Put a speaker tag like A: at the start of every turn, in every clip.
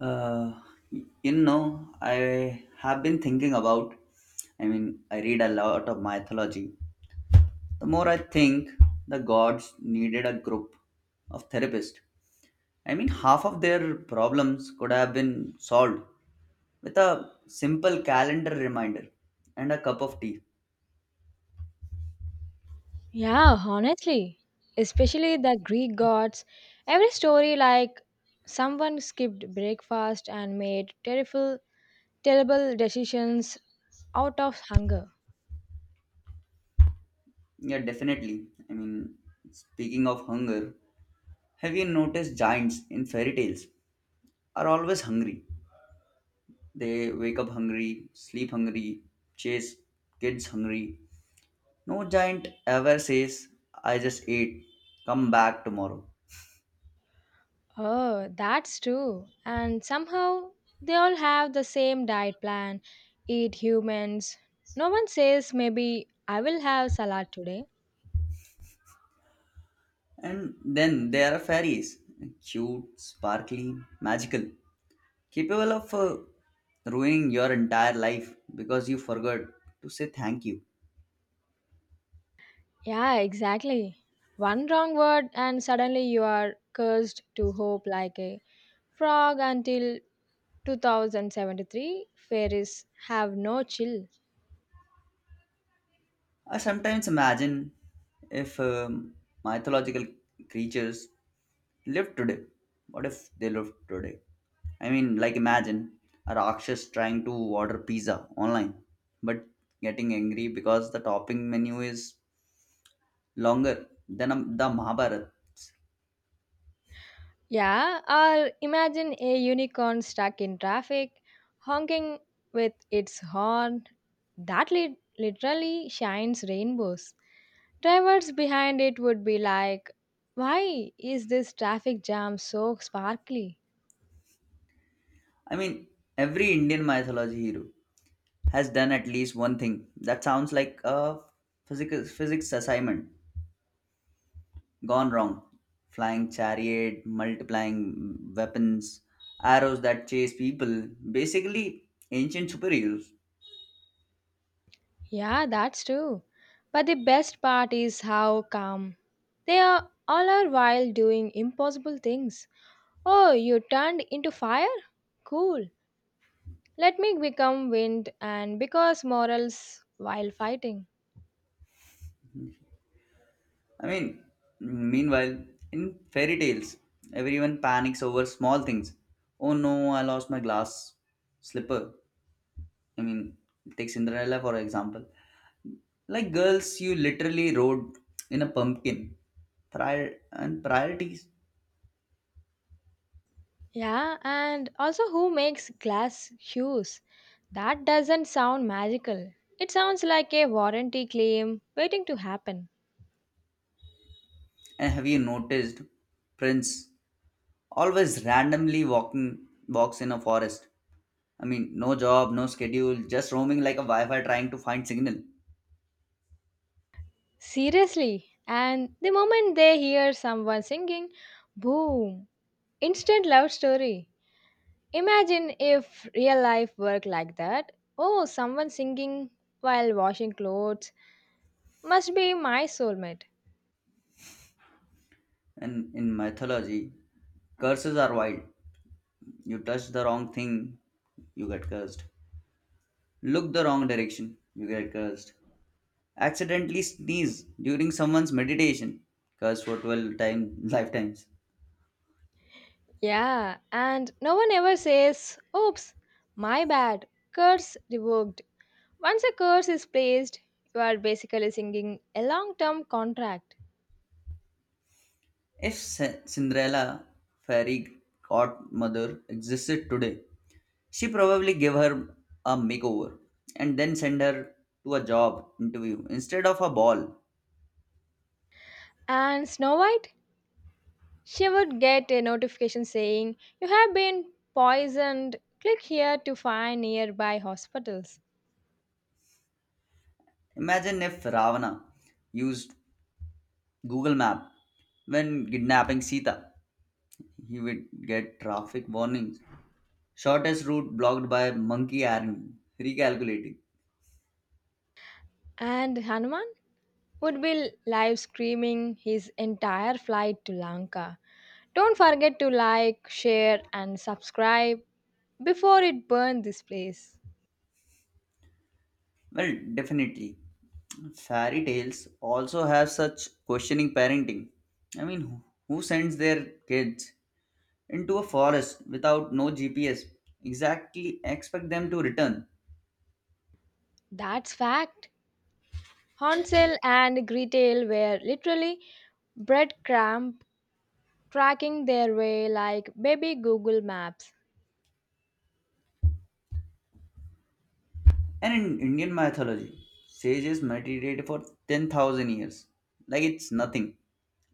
A: Uh, I have been thinking about, I mean, I read a lot of mythology. The more I think, the gods needed a group of therapists. I mean, half of their problems could have been solved with a simple calendar reminder and a cup of tea.
B: Yeah, honestly, especially the Greek gods. Every story like someone skipped breakfast and made terrible, terrible decisions out of hunger.
A: Yeah, definitely. I mean, speaking of hunger, have you noticed giants in fairy tales are always hungry? They wake up hungry, sleep hungry, chase kids hungry. No giant ever says, I just ate, come back tomorrow.
B: Oh, that's true. And somehow they all have the same diet plan eat humans. No one says, maybe I will have salad today.
A: And then there are fairies, cute, sparkly, magical, capable of ruining your entire life because you forgot to say thank you.
B: Yeah, exactly. One wrong word, and suddenly you are cursed to hope like a frog until 2073 fairies have no chill.
A: I sometimes imagine if mythological creatures live today. What if they live today? I mean, like imagine a Rakshas trying to order pizza online, but getting angry because the topping menu is longer than the Mahabharata.
B: Yeah, or imagine a unicorn stuck in traffic, honking with its horn. That literally shines rainbows. Drivers behind it would be like, why is this traffic jam so sparkly?
A: I mean, every Indian mythology hero has done at least one thing that sounds like a physics assignment gone wrong. Flying chariot, multiplying weapons, arrows that chase people, basically ancient superheroes.
B: Yeah, that's true. But the best part is how calm they are all are while doing impossible things. Oh, you turned into fire? Cool. Let me become wind and because morals while fighting.
A: I mean, meanwhile, in fairy tales, everyone panics over small things. Oh no, I lost my glass slipper. I mean, take Cinderella for example. Like girls, you literally rode in a pumpkin. Prior and priorities.
B: Yeah, and also who makes glass shoes? That doesn't sound magical. It sounds like a warranty claim waiting to happen.
A: And have you noticed Prince always randomly walking walks in a forest? I mean, no job, no schedule, just roaming like a Wi-Fi trying to find signal.
B: Seriously. And the moment they hear someone singing, boom, instant love story. Imagine if real life worked like that. Oh, someone singing while washing clothes must be my soulmate.
A: And in mythology, curses are wild. You touch the wrong thing, you get cursed. Look the wrong direction, you get cursed. Accidentally sneeze during someone's meditation, cursed for 12 lifetimes.
B: Yeah, and no one ever says, oops, my bad, curse revoked. Once a curse is placed, you are basically singing a long term contract.
A: If Cin- Cinderella, fairy godmother existed today, she probably gave her a makeover and then send her to a job interview instead of a ball.
B: And Snow White? She would get a notification saying, you have been poisoned. Click here to find nearby hospitals.
A: Imagine if Ravana used Google Map when kidnapping Sita. He would get traffic warnings. Shortest route blocked by monkey army. Recalculating.
B: And Hanuman? Would be live streaming his entire flight to Lanka. Don't forget to like, share, and subscribe before it burned this place.
A: Well, definitely. Fairy tales also have such questioning parenting. I mean, who sends their kids into a forest without no GPS? Exactly, expect them to return.
B: That's fact. Hansel and Gretel were literally breadcrumb tracking their way like baby Google Maps.
A: And in Indian mythology, sages meditated for 10,000 years. Like it's nothing.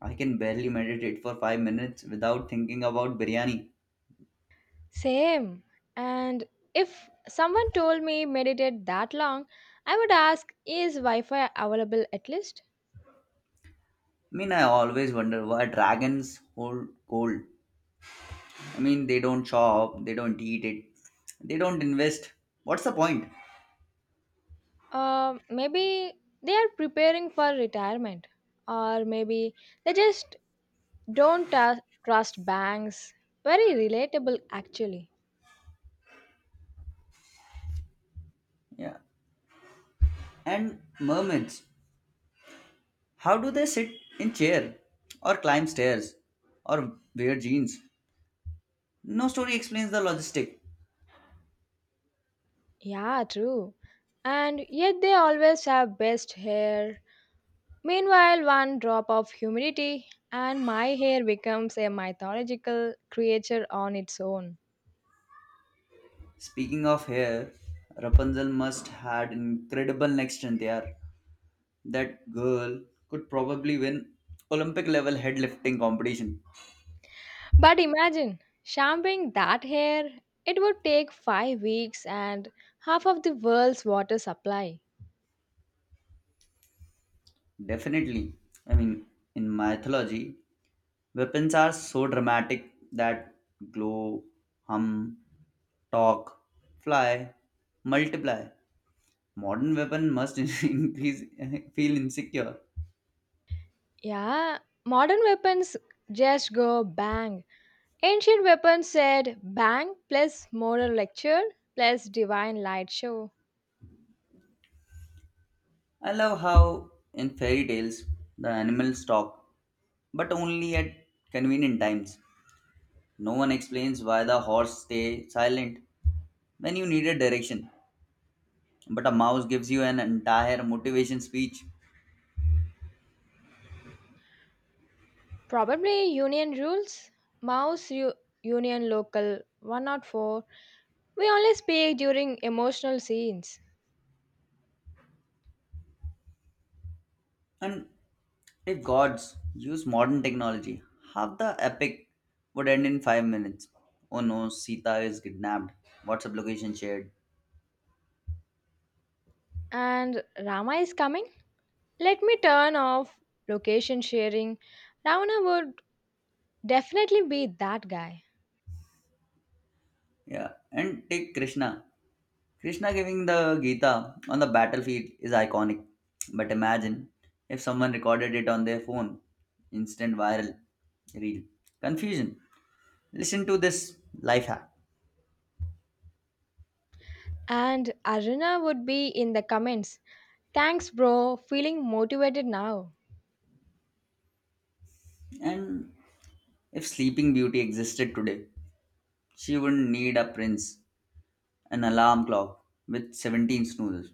A: I can barely meditate for 5 minutes without thinking about biryani.
B: Same. And if someone told me meditate that long, I would ask, is Wi Fi available at least?
A: I mean, I always wonder why dragons hold gold. I mean, they don't chop, they don't eat it, they don't invest. What's the point?
B: Maybe they are preparing for retirement, or maybe they just don't ta- trust banks. Very relatable, actually.
A: Yeah. And mermaids, how do they sit in chair or climb stairs or wear jeans? No story explains the logistic.
B: Yeah, true. And yet they always have best hair. Meanwhile, one drop of humidity, and my hair becomes a mythological creature on its own.
A: Speaking of hair, Rapunzel must had incredible neck strength there. That girl could probably win Olympic level head lifting competition.
B: But imagine shampooing that hair, it would take 5 weeks and half of the world's water supply.
A: Definitely. I mean, in mythology, weapons are so dramatic that glow, hum, talk, fly, multiply. Modern weapon must increase, feel insecure.
B: Yeah, modern weapons just go bang. Ancient weapons said bang plus moral lecture plus divine light show.
A: I love how in fairy tales the animals talk, but only at convenient times. No one explains why the horse stay silent when you need a direction, but a mouse gives you an entire motivation speech.
B: Probably union rules, mouse u- union local 104. We only speak during emotional scenes.
A: And if gods use modern technology, half the epic would end in 5 minutes. Oh no, Sita is kidnapped. WhatsApp location shared.
B: And Rama is coming. Let me turn off location sharing. Ravana would definitely be that guy.
A: Yeah. And take Krishna. Krishna giving the Gita on the battlefield is iconic. But imagine if someone recorded it on their phone. Instant viral reel. Confusion. Listen to this life hack.
B: And Aruna would be in the comments. Thanks, bro. Feeling motivated now.
A: And if Sleeping Beauty existed today, she wouldn't need a prince. An alarm clock with 17 snoozes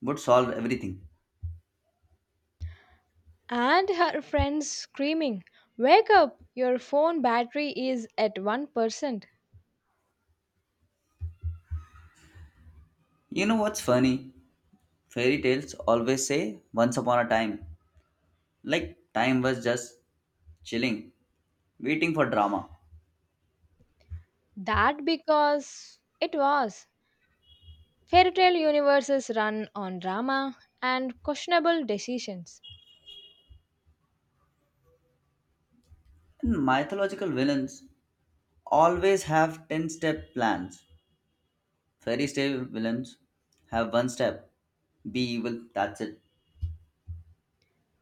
A: would solve everything.
B: And her friends screaming, wake up! Your phone battery is at 1%.
A: You know what's funny? Fairy tales always say once upon a time, like time was just chilling, waiting for drama.
B: That because it was. Fairy tale universes run on drama and questionable decisions.
A: And mythological villains always have 10 step plans. Fairy tale villains have one step, be evil, that's it.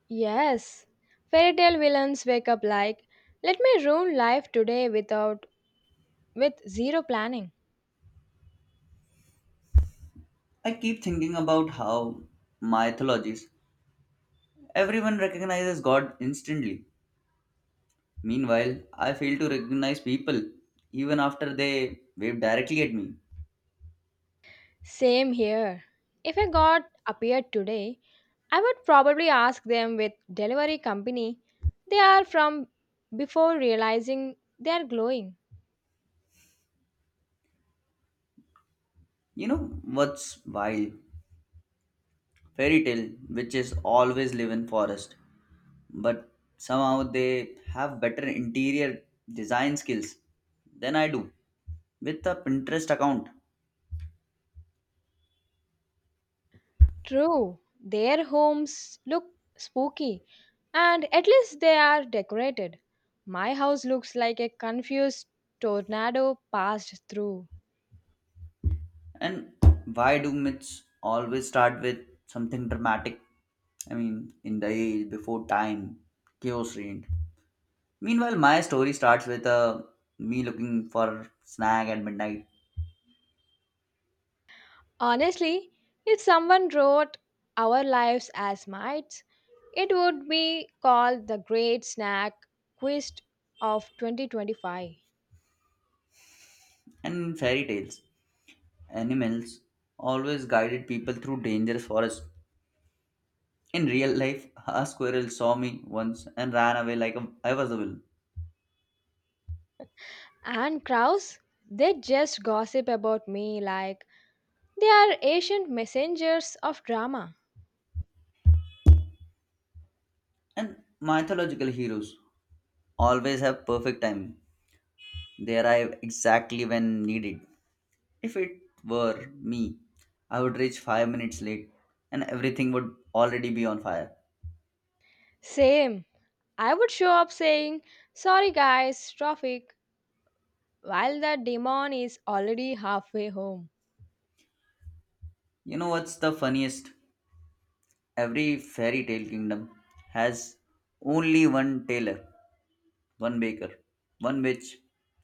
B: Yes, fairy tale villains wake up like, let me ruin life today without with zero planning.
A: I keep thinking about how mythologies, everyone recognizes God instantly. Meanwhile, I fail to recognize people even after they wave directly at me.
B: Same here. If a god appeared today, I would probably ask them with delivery company they are from before realizing they are glowing.
A: You know what's wild? Fairy tale witches always live in forest, but somehow they have better interior design skills than I do with a Pinterest account.
B: True, their homes look spooky and at least they are decorated. My house looks like a confused tornado passed through.
A: And why do myths always start with something dramatic? I mean, in the age before time, chaos reigned. Meanwhile, my story starts with me looking for snack at midnight.
B: Honestly, if someone wrote Our Lives as Mites, it would be called the Great Snack Quiz of 2025.
A: And in fairy tales, animals always guided people through dangerous forests. In real life, a squirrel saw me once and ran away like a, I was a villain.
B: And crows, they just gossip about me like they are ancient messengers of drama.
A: And mythological heroes always have perfect time. They arrive exactly when needed. If it were me, I would reach 5 minutes late and everything would already be on fire.
B: Same, I would show up saying, sorry guys, traffic, while the demon is already halfway home.
A: You know what's the funniest? Every fairy tale kingdom has only one tailor, one baker, one witch,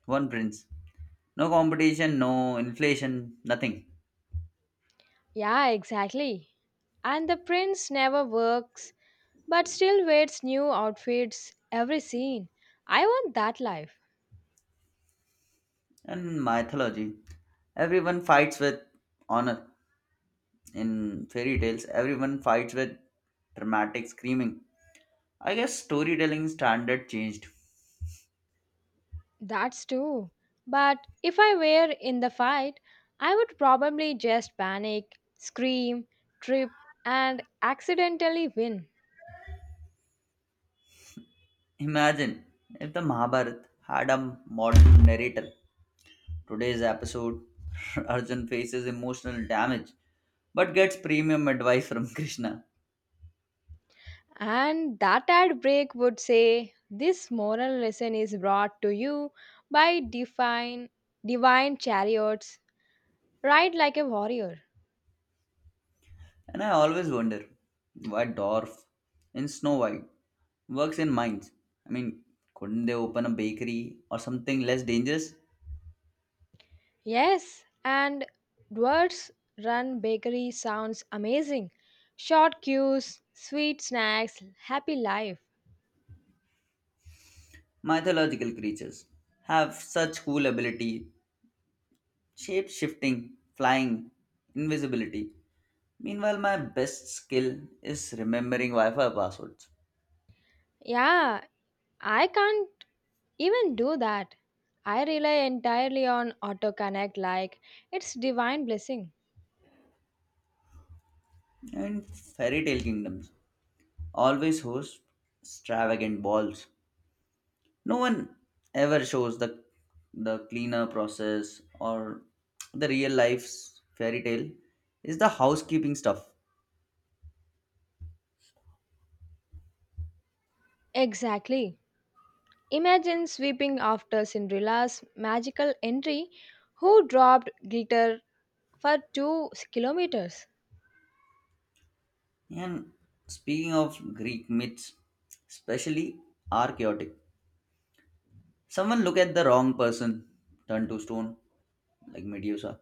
A: one prince. No competition, no inflation, nothing.
B: Yeah, exactly. And the prince never works but still wears new outfits every scene. I want that life.
A: And mythology, everyone fights with honor. In fairy tales, everyone fights with dramatic screaming. I guess storytelling standard changed.
B: That's too. But if I were in the fight, I would probably just panic, scream, trip, and accidentally win.
A: Imagine if the Mahabharata had a modern narrator. Today's episode, Arjun faces emotional damage but gets premium advice from Krishna.
B: And that ad break would say, this moral lesson is brought to you by divine chariots. Ride like a warrior.
A: And I always wonder why Dorf in Snow White works in mines. I mean, couldn't they open a bakery or something less dangerous?
B: Yes, and Dwarf's Run Bakery sounds amazing. Short queues, sweet snacks, happy life.
A: Mythological creatures have such cool ability, shape shifting, flying, invisibility. Meanwhile, my best skill is remembering Wi Fi passwords
B: Yeah, I can't even do that. I rely entirely on AutoConnect like it's divine blessing.
A: and fairy tale kingdoms always host extravagant balls. No one ever shows the cleaner process, or the real life's fairy tale is the housekeeping stuff.
B: Exactly. Imagine sweeping after Cinderella's magical entry who dropped glitter for 2 kilometers.
A: And speaking of Greek myths, especially are chaotic. Someone look at the wrong person, turn to stone, like Medusa.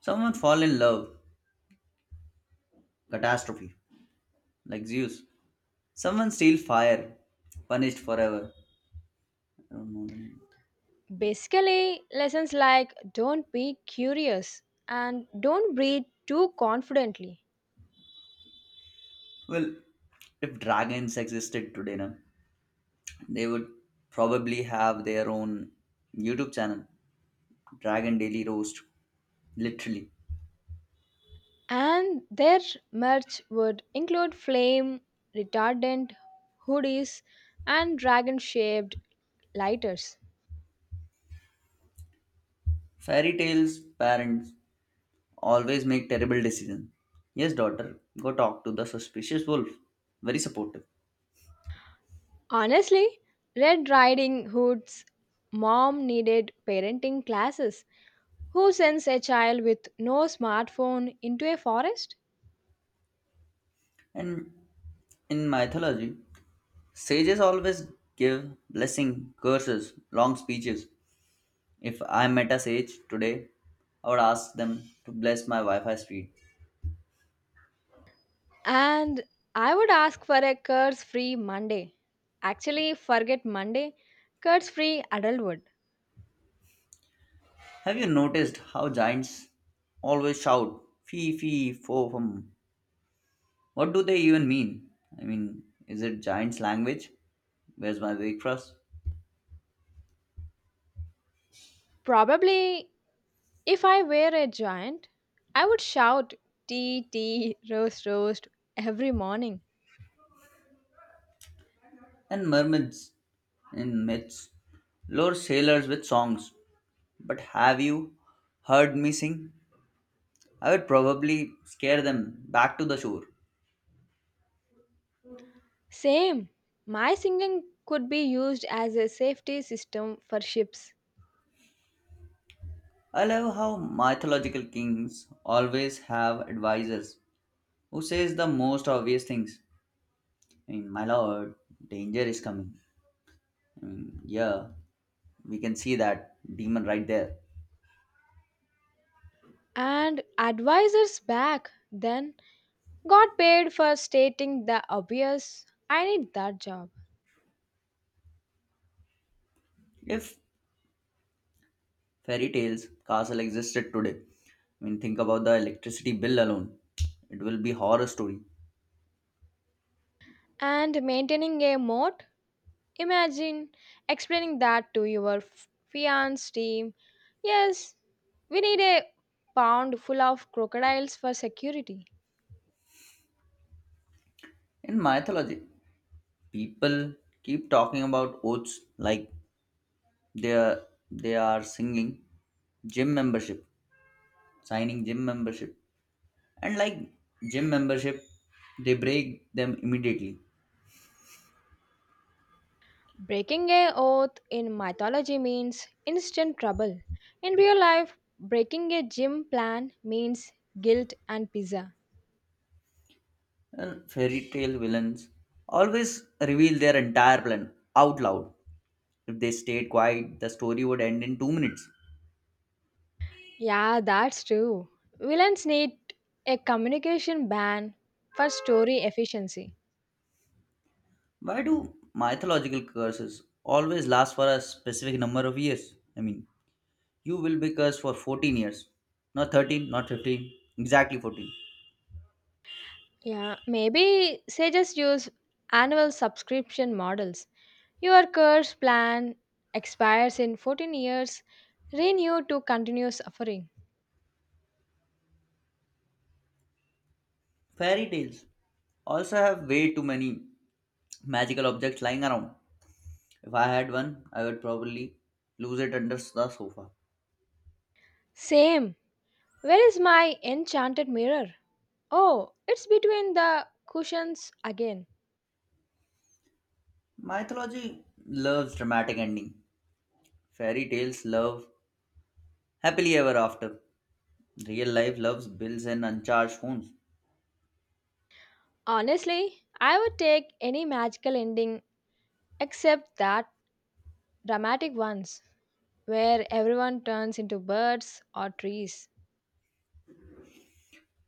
A: Someone fall in love, catastrophe, like Zeus. Someone steal fire, punished forever. I don't know the name.
B: Basically, lessons like don't be curious and don't breathe too confidently.
A: Well, if dragons existed today, na, they would probably have their own YouTube channel, Dragon Daily Roast, literally.
B: And their merch would include flame retardant hoodies and dragon shaped lighters.
A: Fairy tales parents always make terrible decisions. Yes, daughter, go talk to the suspicious wolf. Very supportive.
B: Honestly, Red Riding Hood's mom needed parenting classes. Who sends a child with no smartphone into a forest?
A: And in mythology, sages always give blessing, curses, long speeches. If I met a sage today, I would ask them to bless my Wi Fi speed.
B: And I would ask for a curse free Monday. Actually, forget Monday, curse free adulthood.
A: Have you noticed how giants always shout fee fee fo fum? What do they even mean? I mean, is it giants' language? Where's my breakfast?
B: Probably, if I were a giant, I would shout tea, tea, roast, roast every morning.
A: And mermaids in myths lure sailors with songs. But have you heard me sing? I would probably scare them back to the shore.
B: Same, my singing could be used as a safety system for ships.
A: I love how mythological kings always have advisors who says the most obvious things. I mean, my lord, danger is coming. I, yeah, we can see that demon right there.
B: And advisors back then got paid for stating the obvious. I need that job.
A: If fairy tales castle existed today, I mean, think about the electricity bill alone. It will be horror story.
B: And maintaining a moat. Imagine explaining that to your fiance team. Yes, we need a pound full of crocodiles for security.
A: In mythology, people keep talking about oaths like they are, they are singing gym membership, signing gym membership, and like gym membership, they break them immediately.
B: Breaking a oath in mythology means instant trouble. In real life, breaking a gym plan means guilt and pizza.
A: And fairy tale villains always reveal their entire plan out loud. If they stayed quiet, the story would end in 2 minutes.
B: Yeah, that's true. Villains need a communication ban for story efficiency.
A: Why do mythological curses always last for a specific number of years? I mean, you will be cursed for 14 years, not 13, not 15, exactly 14.
B: Yeah, maybe say just use annual subscription models. Your course plan expires in 14 years, renew to continue suffering.
A: Fairy tales also have way too many magical objects lying around. If I had one, I would probably lose it under the sofa.
B: Same. Where is my enchanted mirror? Oh, it's between the cushions again.
A: Mythology loves dramatic ending. Fairy tales love happily ever after. Real life loves bills and uncharged phones.
B: Honestly, I would take any magical ending except that dramatic ones where everyone turns into birds or trees.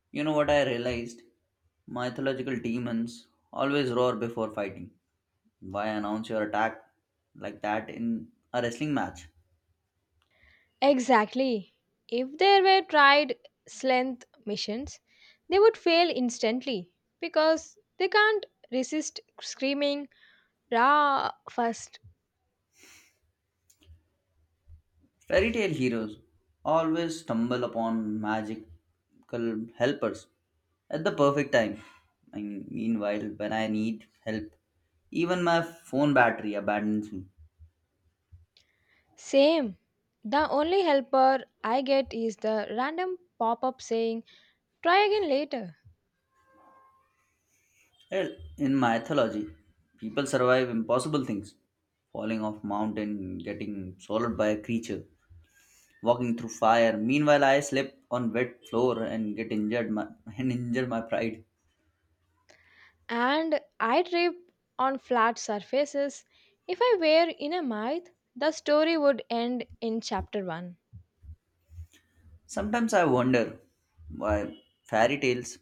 A: You know what I realized? Mythological demons always roar before fighting. Why announce your attack like that in a wrestling match?
B: Exactly. If they were tried length missions, they would fail instantly because they can't resist screaming Ra first.
A: Fairy tale heroes always stumble upon magical helpers at the perfect time. And meanwhile, when I need help, even my phone battery abandons me.
B: Same. The only helper I get is the random pop up saying try again later.
A: Hell, in mythology, people survive impossible things, falling off mountain, getting swallowed by a creature, walking through fire. Meanwhile, I slip on wet floor and get and injure my pride.
B: And I trip on flat surfaces. If I were in a myth, the story would end in chapter 1.
A: Sometimes I wonder why fairy tales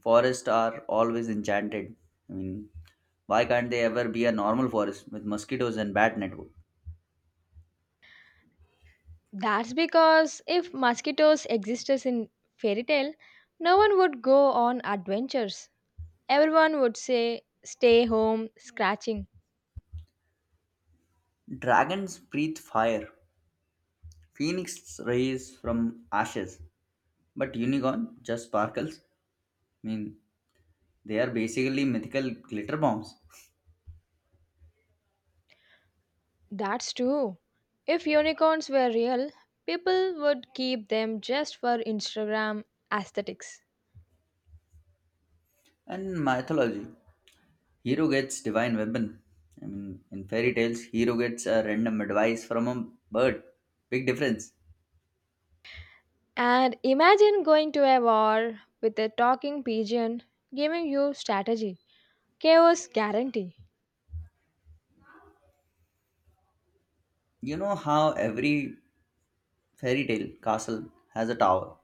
A: forests are always enchanted. I mean, why can't they ever be a normal forest with mosquitoes and bat network?
B: That's because if mosquitoes existed in fairy tale, no one would go on adventures. Everyone would say, stay home, scratching.
A: Dragons breathe fire. Phoenix rays from ashes. But unicorn just sparkles. I mean, they are basically mythical glitter bombs.
B: That's true. If unicorns were real, people would keep them just for Instagram aesthetics.
A: And mythology. Hero gets divine weapon. I mean, in fairy tales, hero gets a random advice from a bird. Big difference.
B: And imagine going to a war with a talking pigeon giving you strategy. Chaos guarantee.
A: You know how every fairy tale castle has a tower.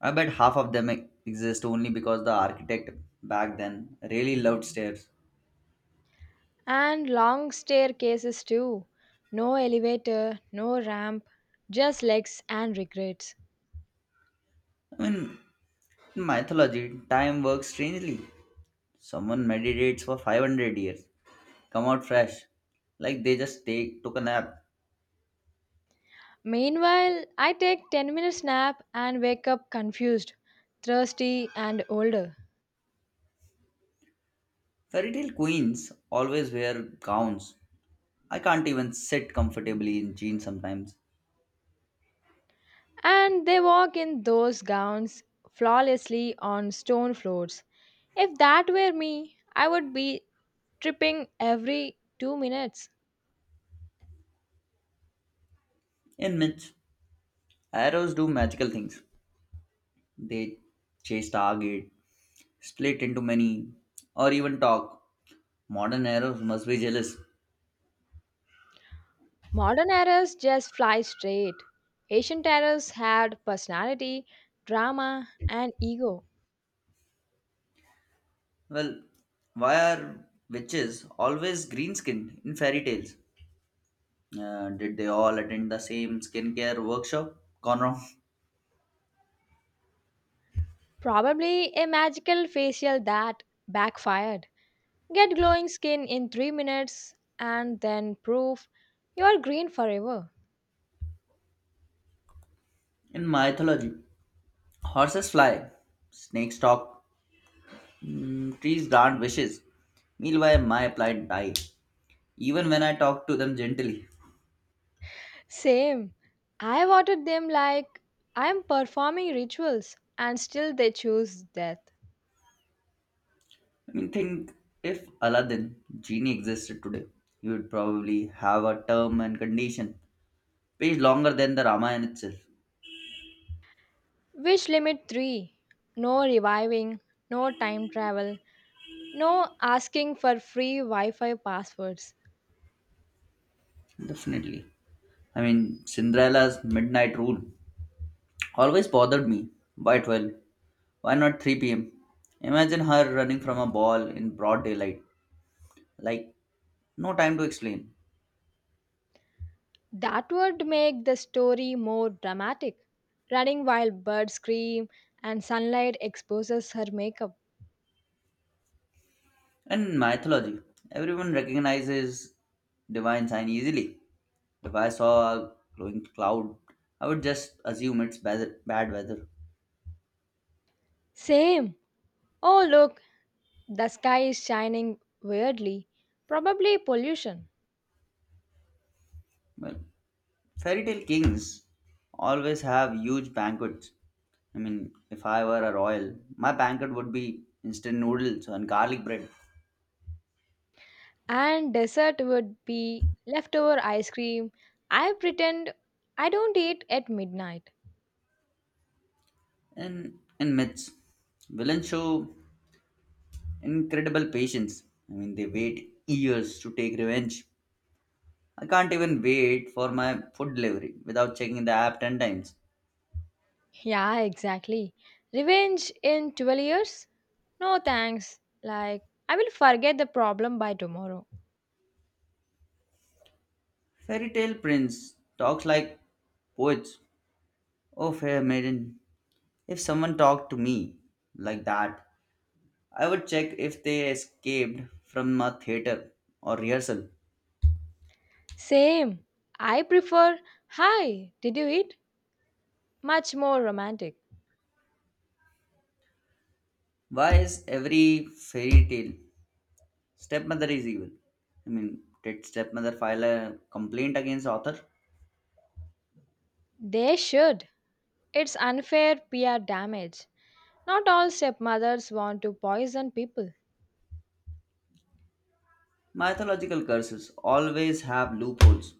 A: I bet half of them exist only because the architect back then really loved stairs.
B: And long staircases too. No elevator, no ramp, just legs and regrets.
A: I mean, in mythology, time works strangely. Someone meditates for 500 years, come out fresh, like they just take took a nap.
B: Meanwhile, I take 10 minutes nap and wake up confused, thirsty and older.
A: Fairy tale queens always wear gowns. I can't even sit comfortably in jeans sometimes.
B: And they walk in those gowns flawlessly on stone floors. If that were me, I would be tripping every 2 minutes.
A: In myths, arrows do magical things. They chase target, split into many, or even talk. Modern arrows must be jealous.
B: Modern arrows just fly straight. Ancient arrows had personality, drama and ego.
A: Well, why are witches always green skinned in fairy tales? Did they all attend the same skincare workshop? Gone wrong.
B: Probably a magical facial that backfired. Get glowing skin in 3 minutes and then proof you are green forever.
A: In mythology, horses fly, snakes talk, trees grant wishes. Meanwhile, my plight die even when I talk to them gently.
B: Same. I watered them like I am performing rituals and still they choose death.
A: I mean, think if Aladdin genie existed today, he would probably have a term and condition page longer than the Ramayana itself.
B: Wish limit 3. No reviving, no time travel, no asking for free Wi Fi passwords.
A: Definitely. I mean, Cinderella's midnight rule always bothered me. Why 12? Why not 3 p.m.? Imagine her running from a ball in broad daylight. Like, no time to explain.
B: That would make the story more dramatic. Running while birds scream and sunlight exposes her makeup.
A: In mythology, everyone recognizes divine sign easily. If I saw a glowing cloud, I would just assume it's bad weather.
B: Same. Oh, look, the sky is shining weirdly. Probably pollution.
A: Well, fairy tale kings always have huge banquets. I mean, if I were a royal, my banquet would be instant noodles and garlic bread.
B: And dessert would be leftover ice cream. I pretend I don't eat at midnight.
A: And in myths, villains show incredible patience. I mean, they wait years to take revenge. I can't even wait for my food delivery without checking the app 10 times.
B: Yeah, exactly. Revenge in 12 years? No thanks. Like, I will forget the problem by tomorrow.
A: Fairy tale prince talks like poets. Oh, fair maiden, if someone talked to me like that, I would check if they escaped from a theater or rehearsal.
B: Same. I prefer, hi, did you eat? Much more romantic.
A: Why is every fairy tale stepmother is evil? I mean, did stepmother file a complaint against author?
B: They should. It's unfair PR damage. Not all stepmothers want to poison people.
A: Mythological curses always have loopholes.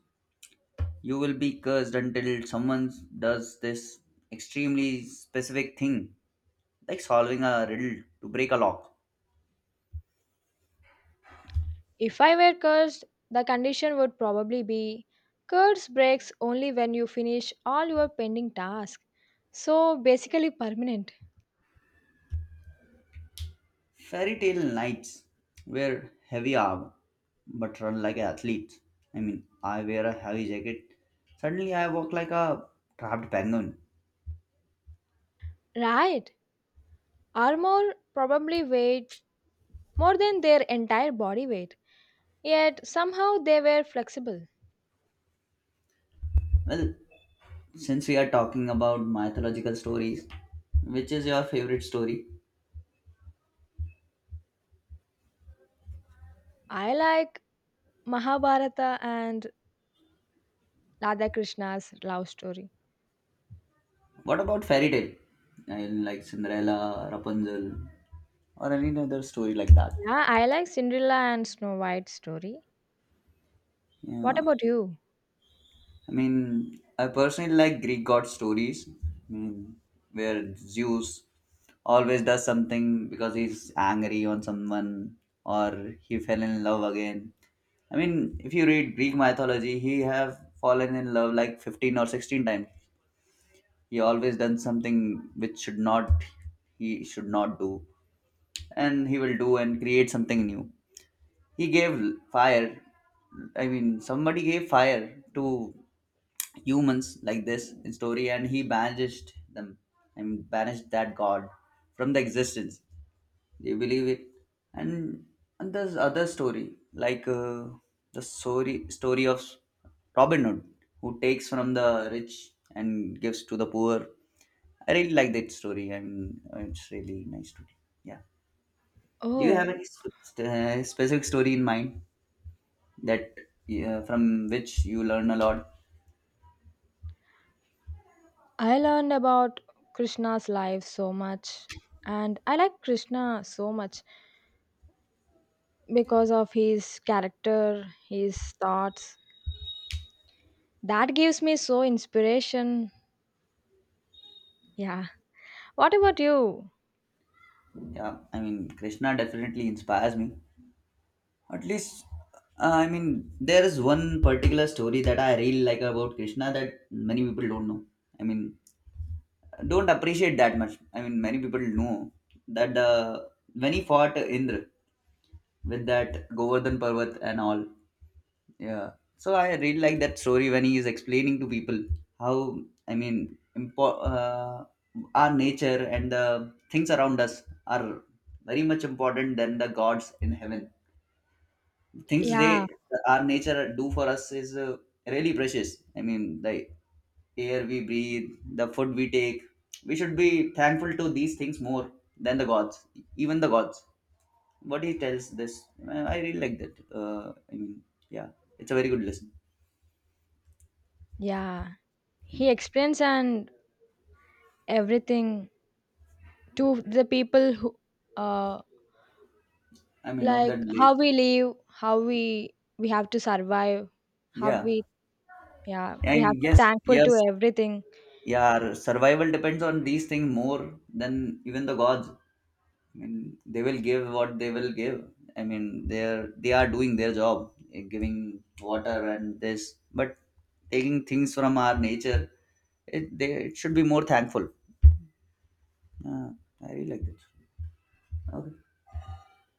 A: You will be cursed until someone does this extremely specific thing, like solving a riddle to break a lock.
B: If I were cursed, the condition would probably be curse breaks only when you finish all your pending tasks. So basically permanent.
A: Fairy tale knights wear heavy armor but run like athletes. I mean, I wear a heavy jacket. Suddenly, I walk like a trapped penguin.
B: Right. Armor probably weighed more than their entire body weight. Yet somehow they were flexible.
A: Well, since we are talking about mythological stories, which is your favorite story?
B: I like Mahabharata and Radha Krishna's love story.
A: What about fairy tale? I like Cinderella, Rapunzel, or any other story like that.
B: Yeah, I like Cinderella and Snow White story. What
A: Yeah,
B: about you?
A: I mean, I personally like Greek god stories, I mean, where Zeus always does something because he's angry on someone or he fell in love again. I mean, if you read Greek mythology, he have fallen in love like 15 or 16 times. He always done something which should not he should not do and he will do and create something new. He gave fire, I mean somebody gave fire to humans like this in story, and he banished them. I mean, banished that god from the existence. They believe it. And and there's other story like the story of Robin Hood, who takes from the rich and gives to the poor. I really like that story. I mean, it's really nice story. Yeah, do you
B: Oh,
A: have any specific story in mind that, from which you learn a lot?
B: I learned about Krishna's life so much. And I like Krishna so much because of his character, his thoughts. That gives me so inspiration. Yeah. What about you?
A: Yeah, I mean Krishna definitely inspires me, at least, I mean there is one particular story that I really like about Krishna that many people don't know, I mean don't appreciate that much. I mean many people know that the when he fought Indra with that Govardhan Parvat and all. Yeah. So I really like that story when he is explaining to people how, I mean our nature and the things around us are very much important than the gods in heaven. Things
B: Yeah.
A: they our nature do for us is, really precious. I mean the air we breathe, the food we take. We should be thankful to these things more than the gods, even the gods. What he tells this, I really like that. I mean, yeah, it's a very good lesson.
B: Yeah. He explains and everything to the people who uh
A: I mean, of
B: like
A: that
B: how we
A: lazy.
B: live how we have to survive how
A: Yeah.
B: we yeah we have
A: And
B: to
A: yes,
B: thankful to
A: yes,
B: everything
A: yeah, our survival depends on these things more than even the gods. I mean, they will give what they will give. I mean, they are doing their job, eh, giving water and this, but taking things from our nature, it they it should be more thankful. Yeah, I really like that. Okay.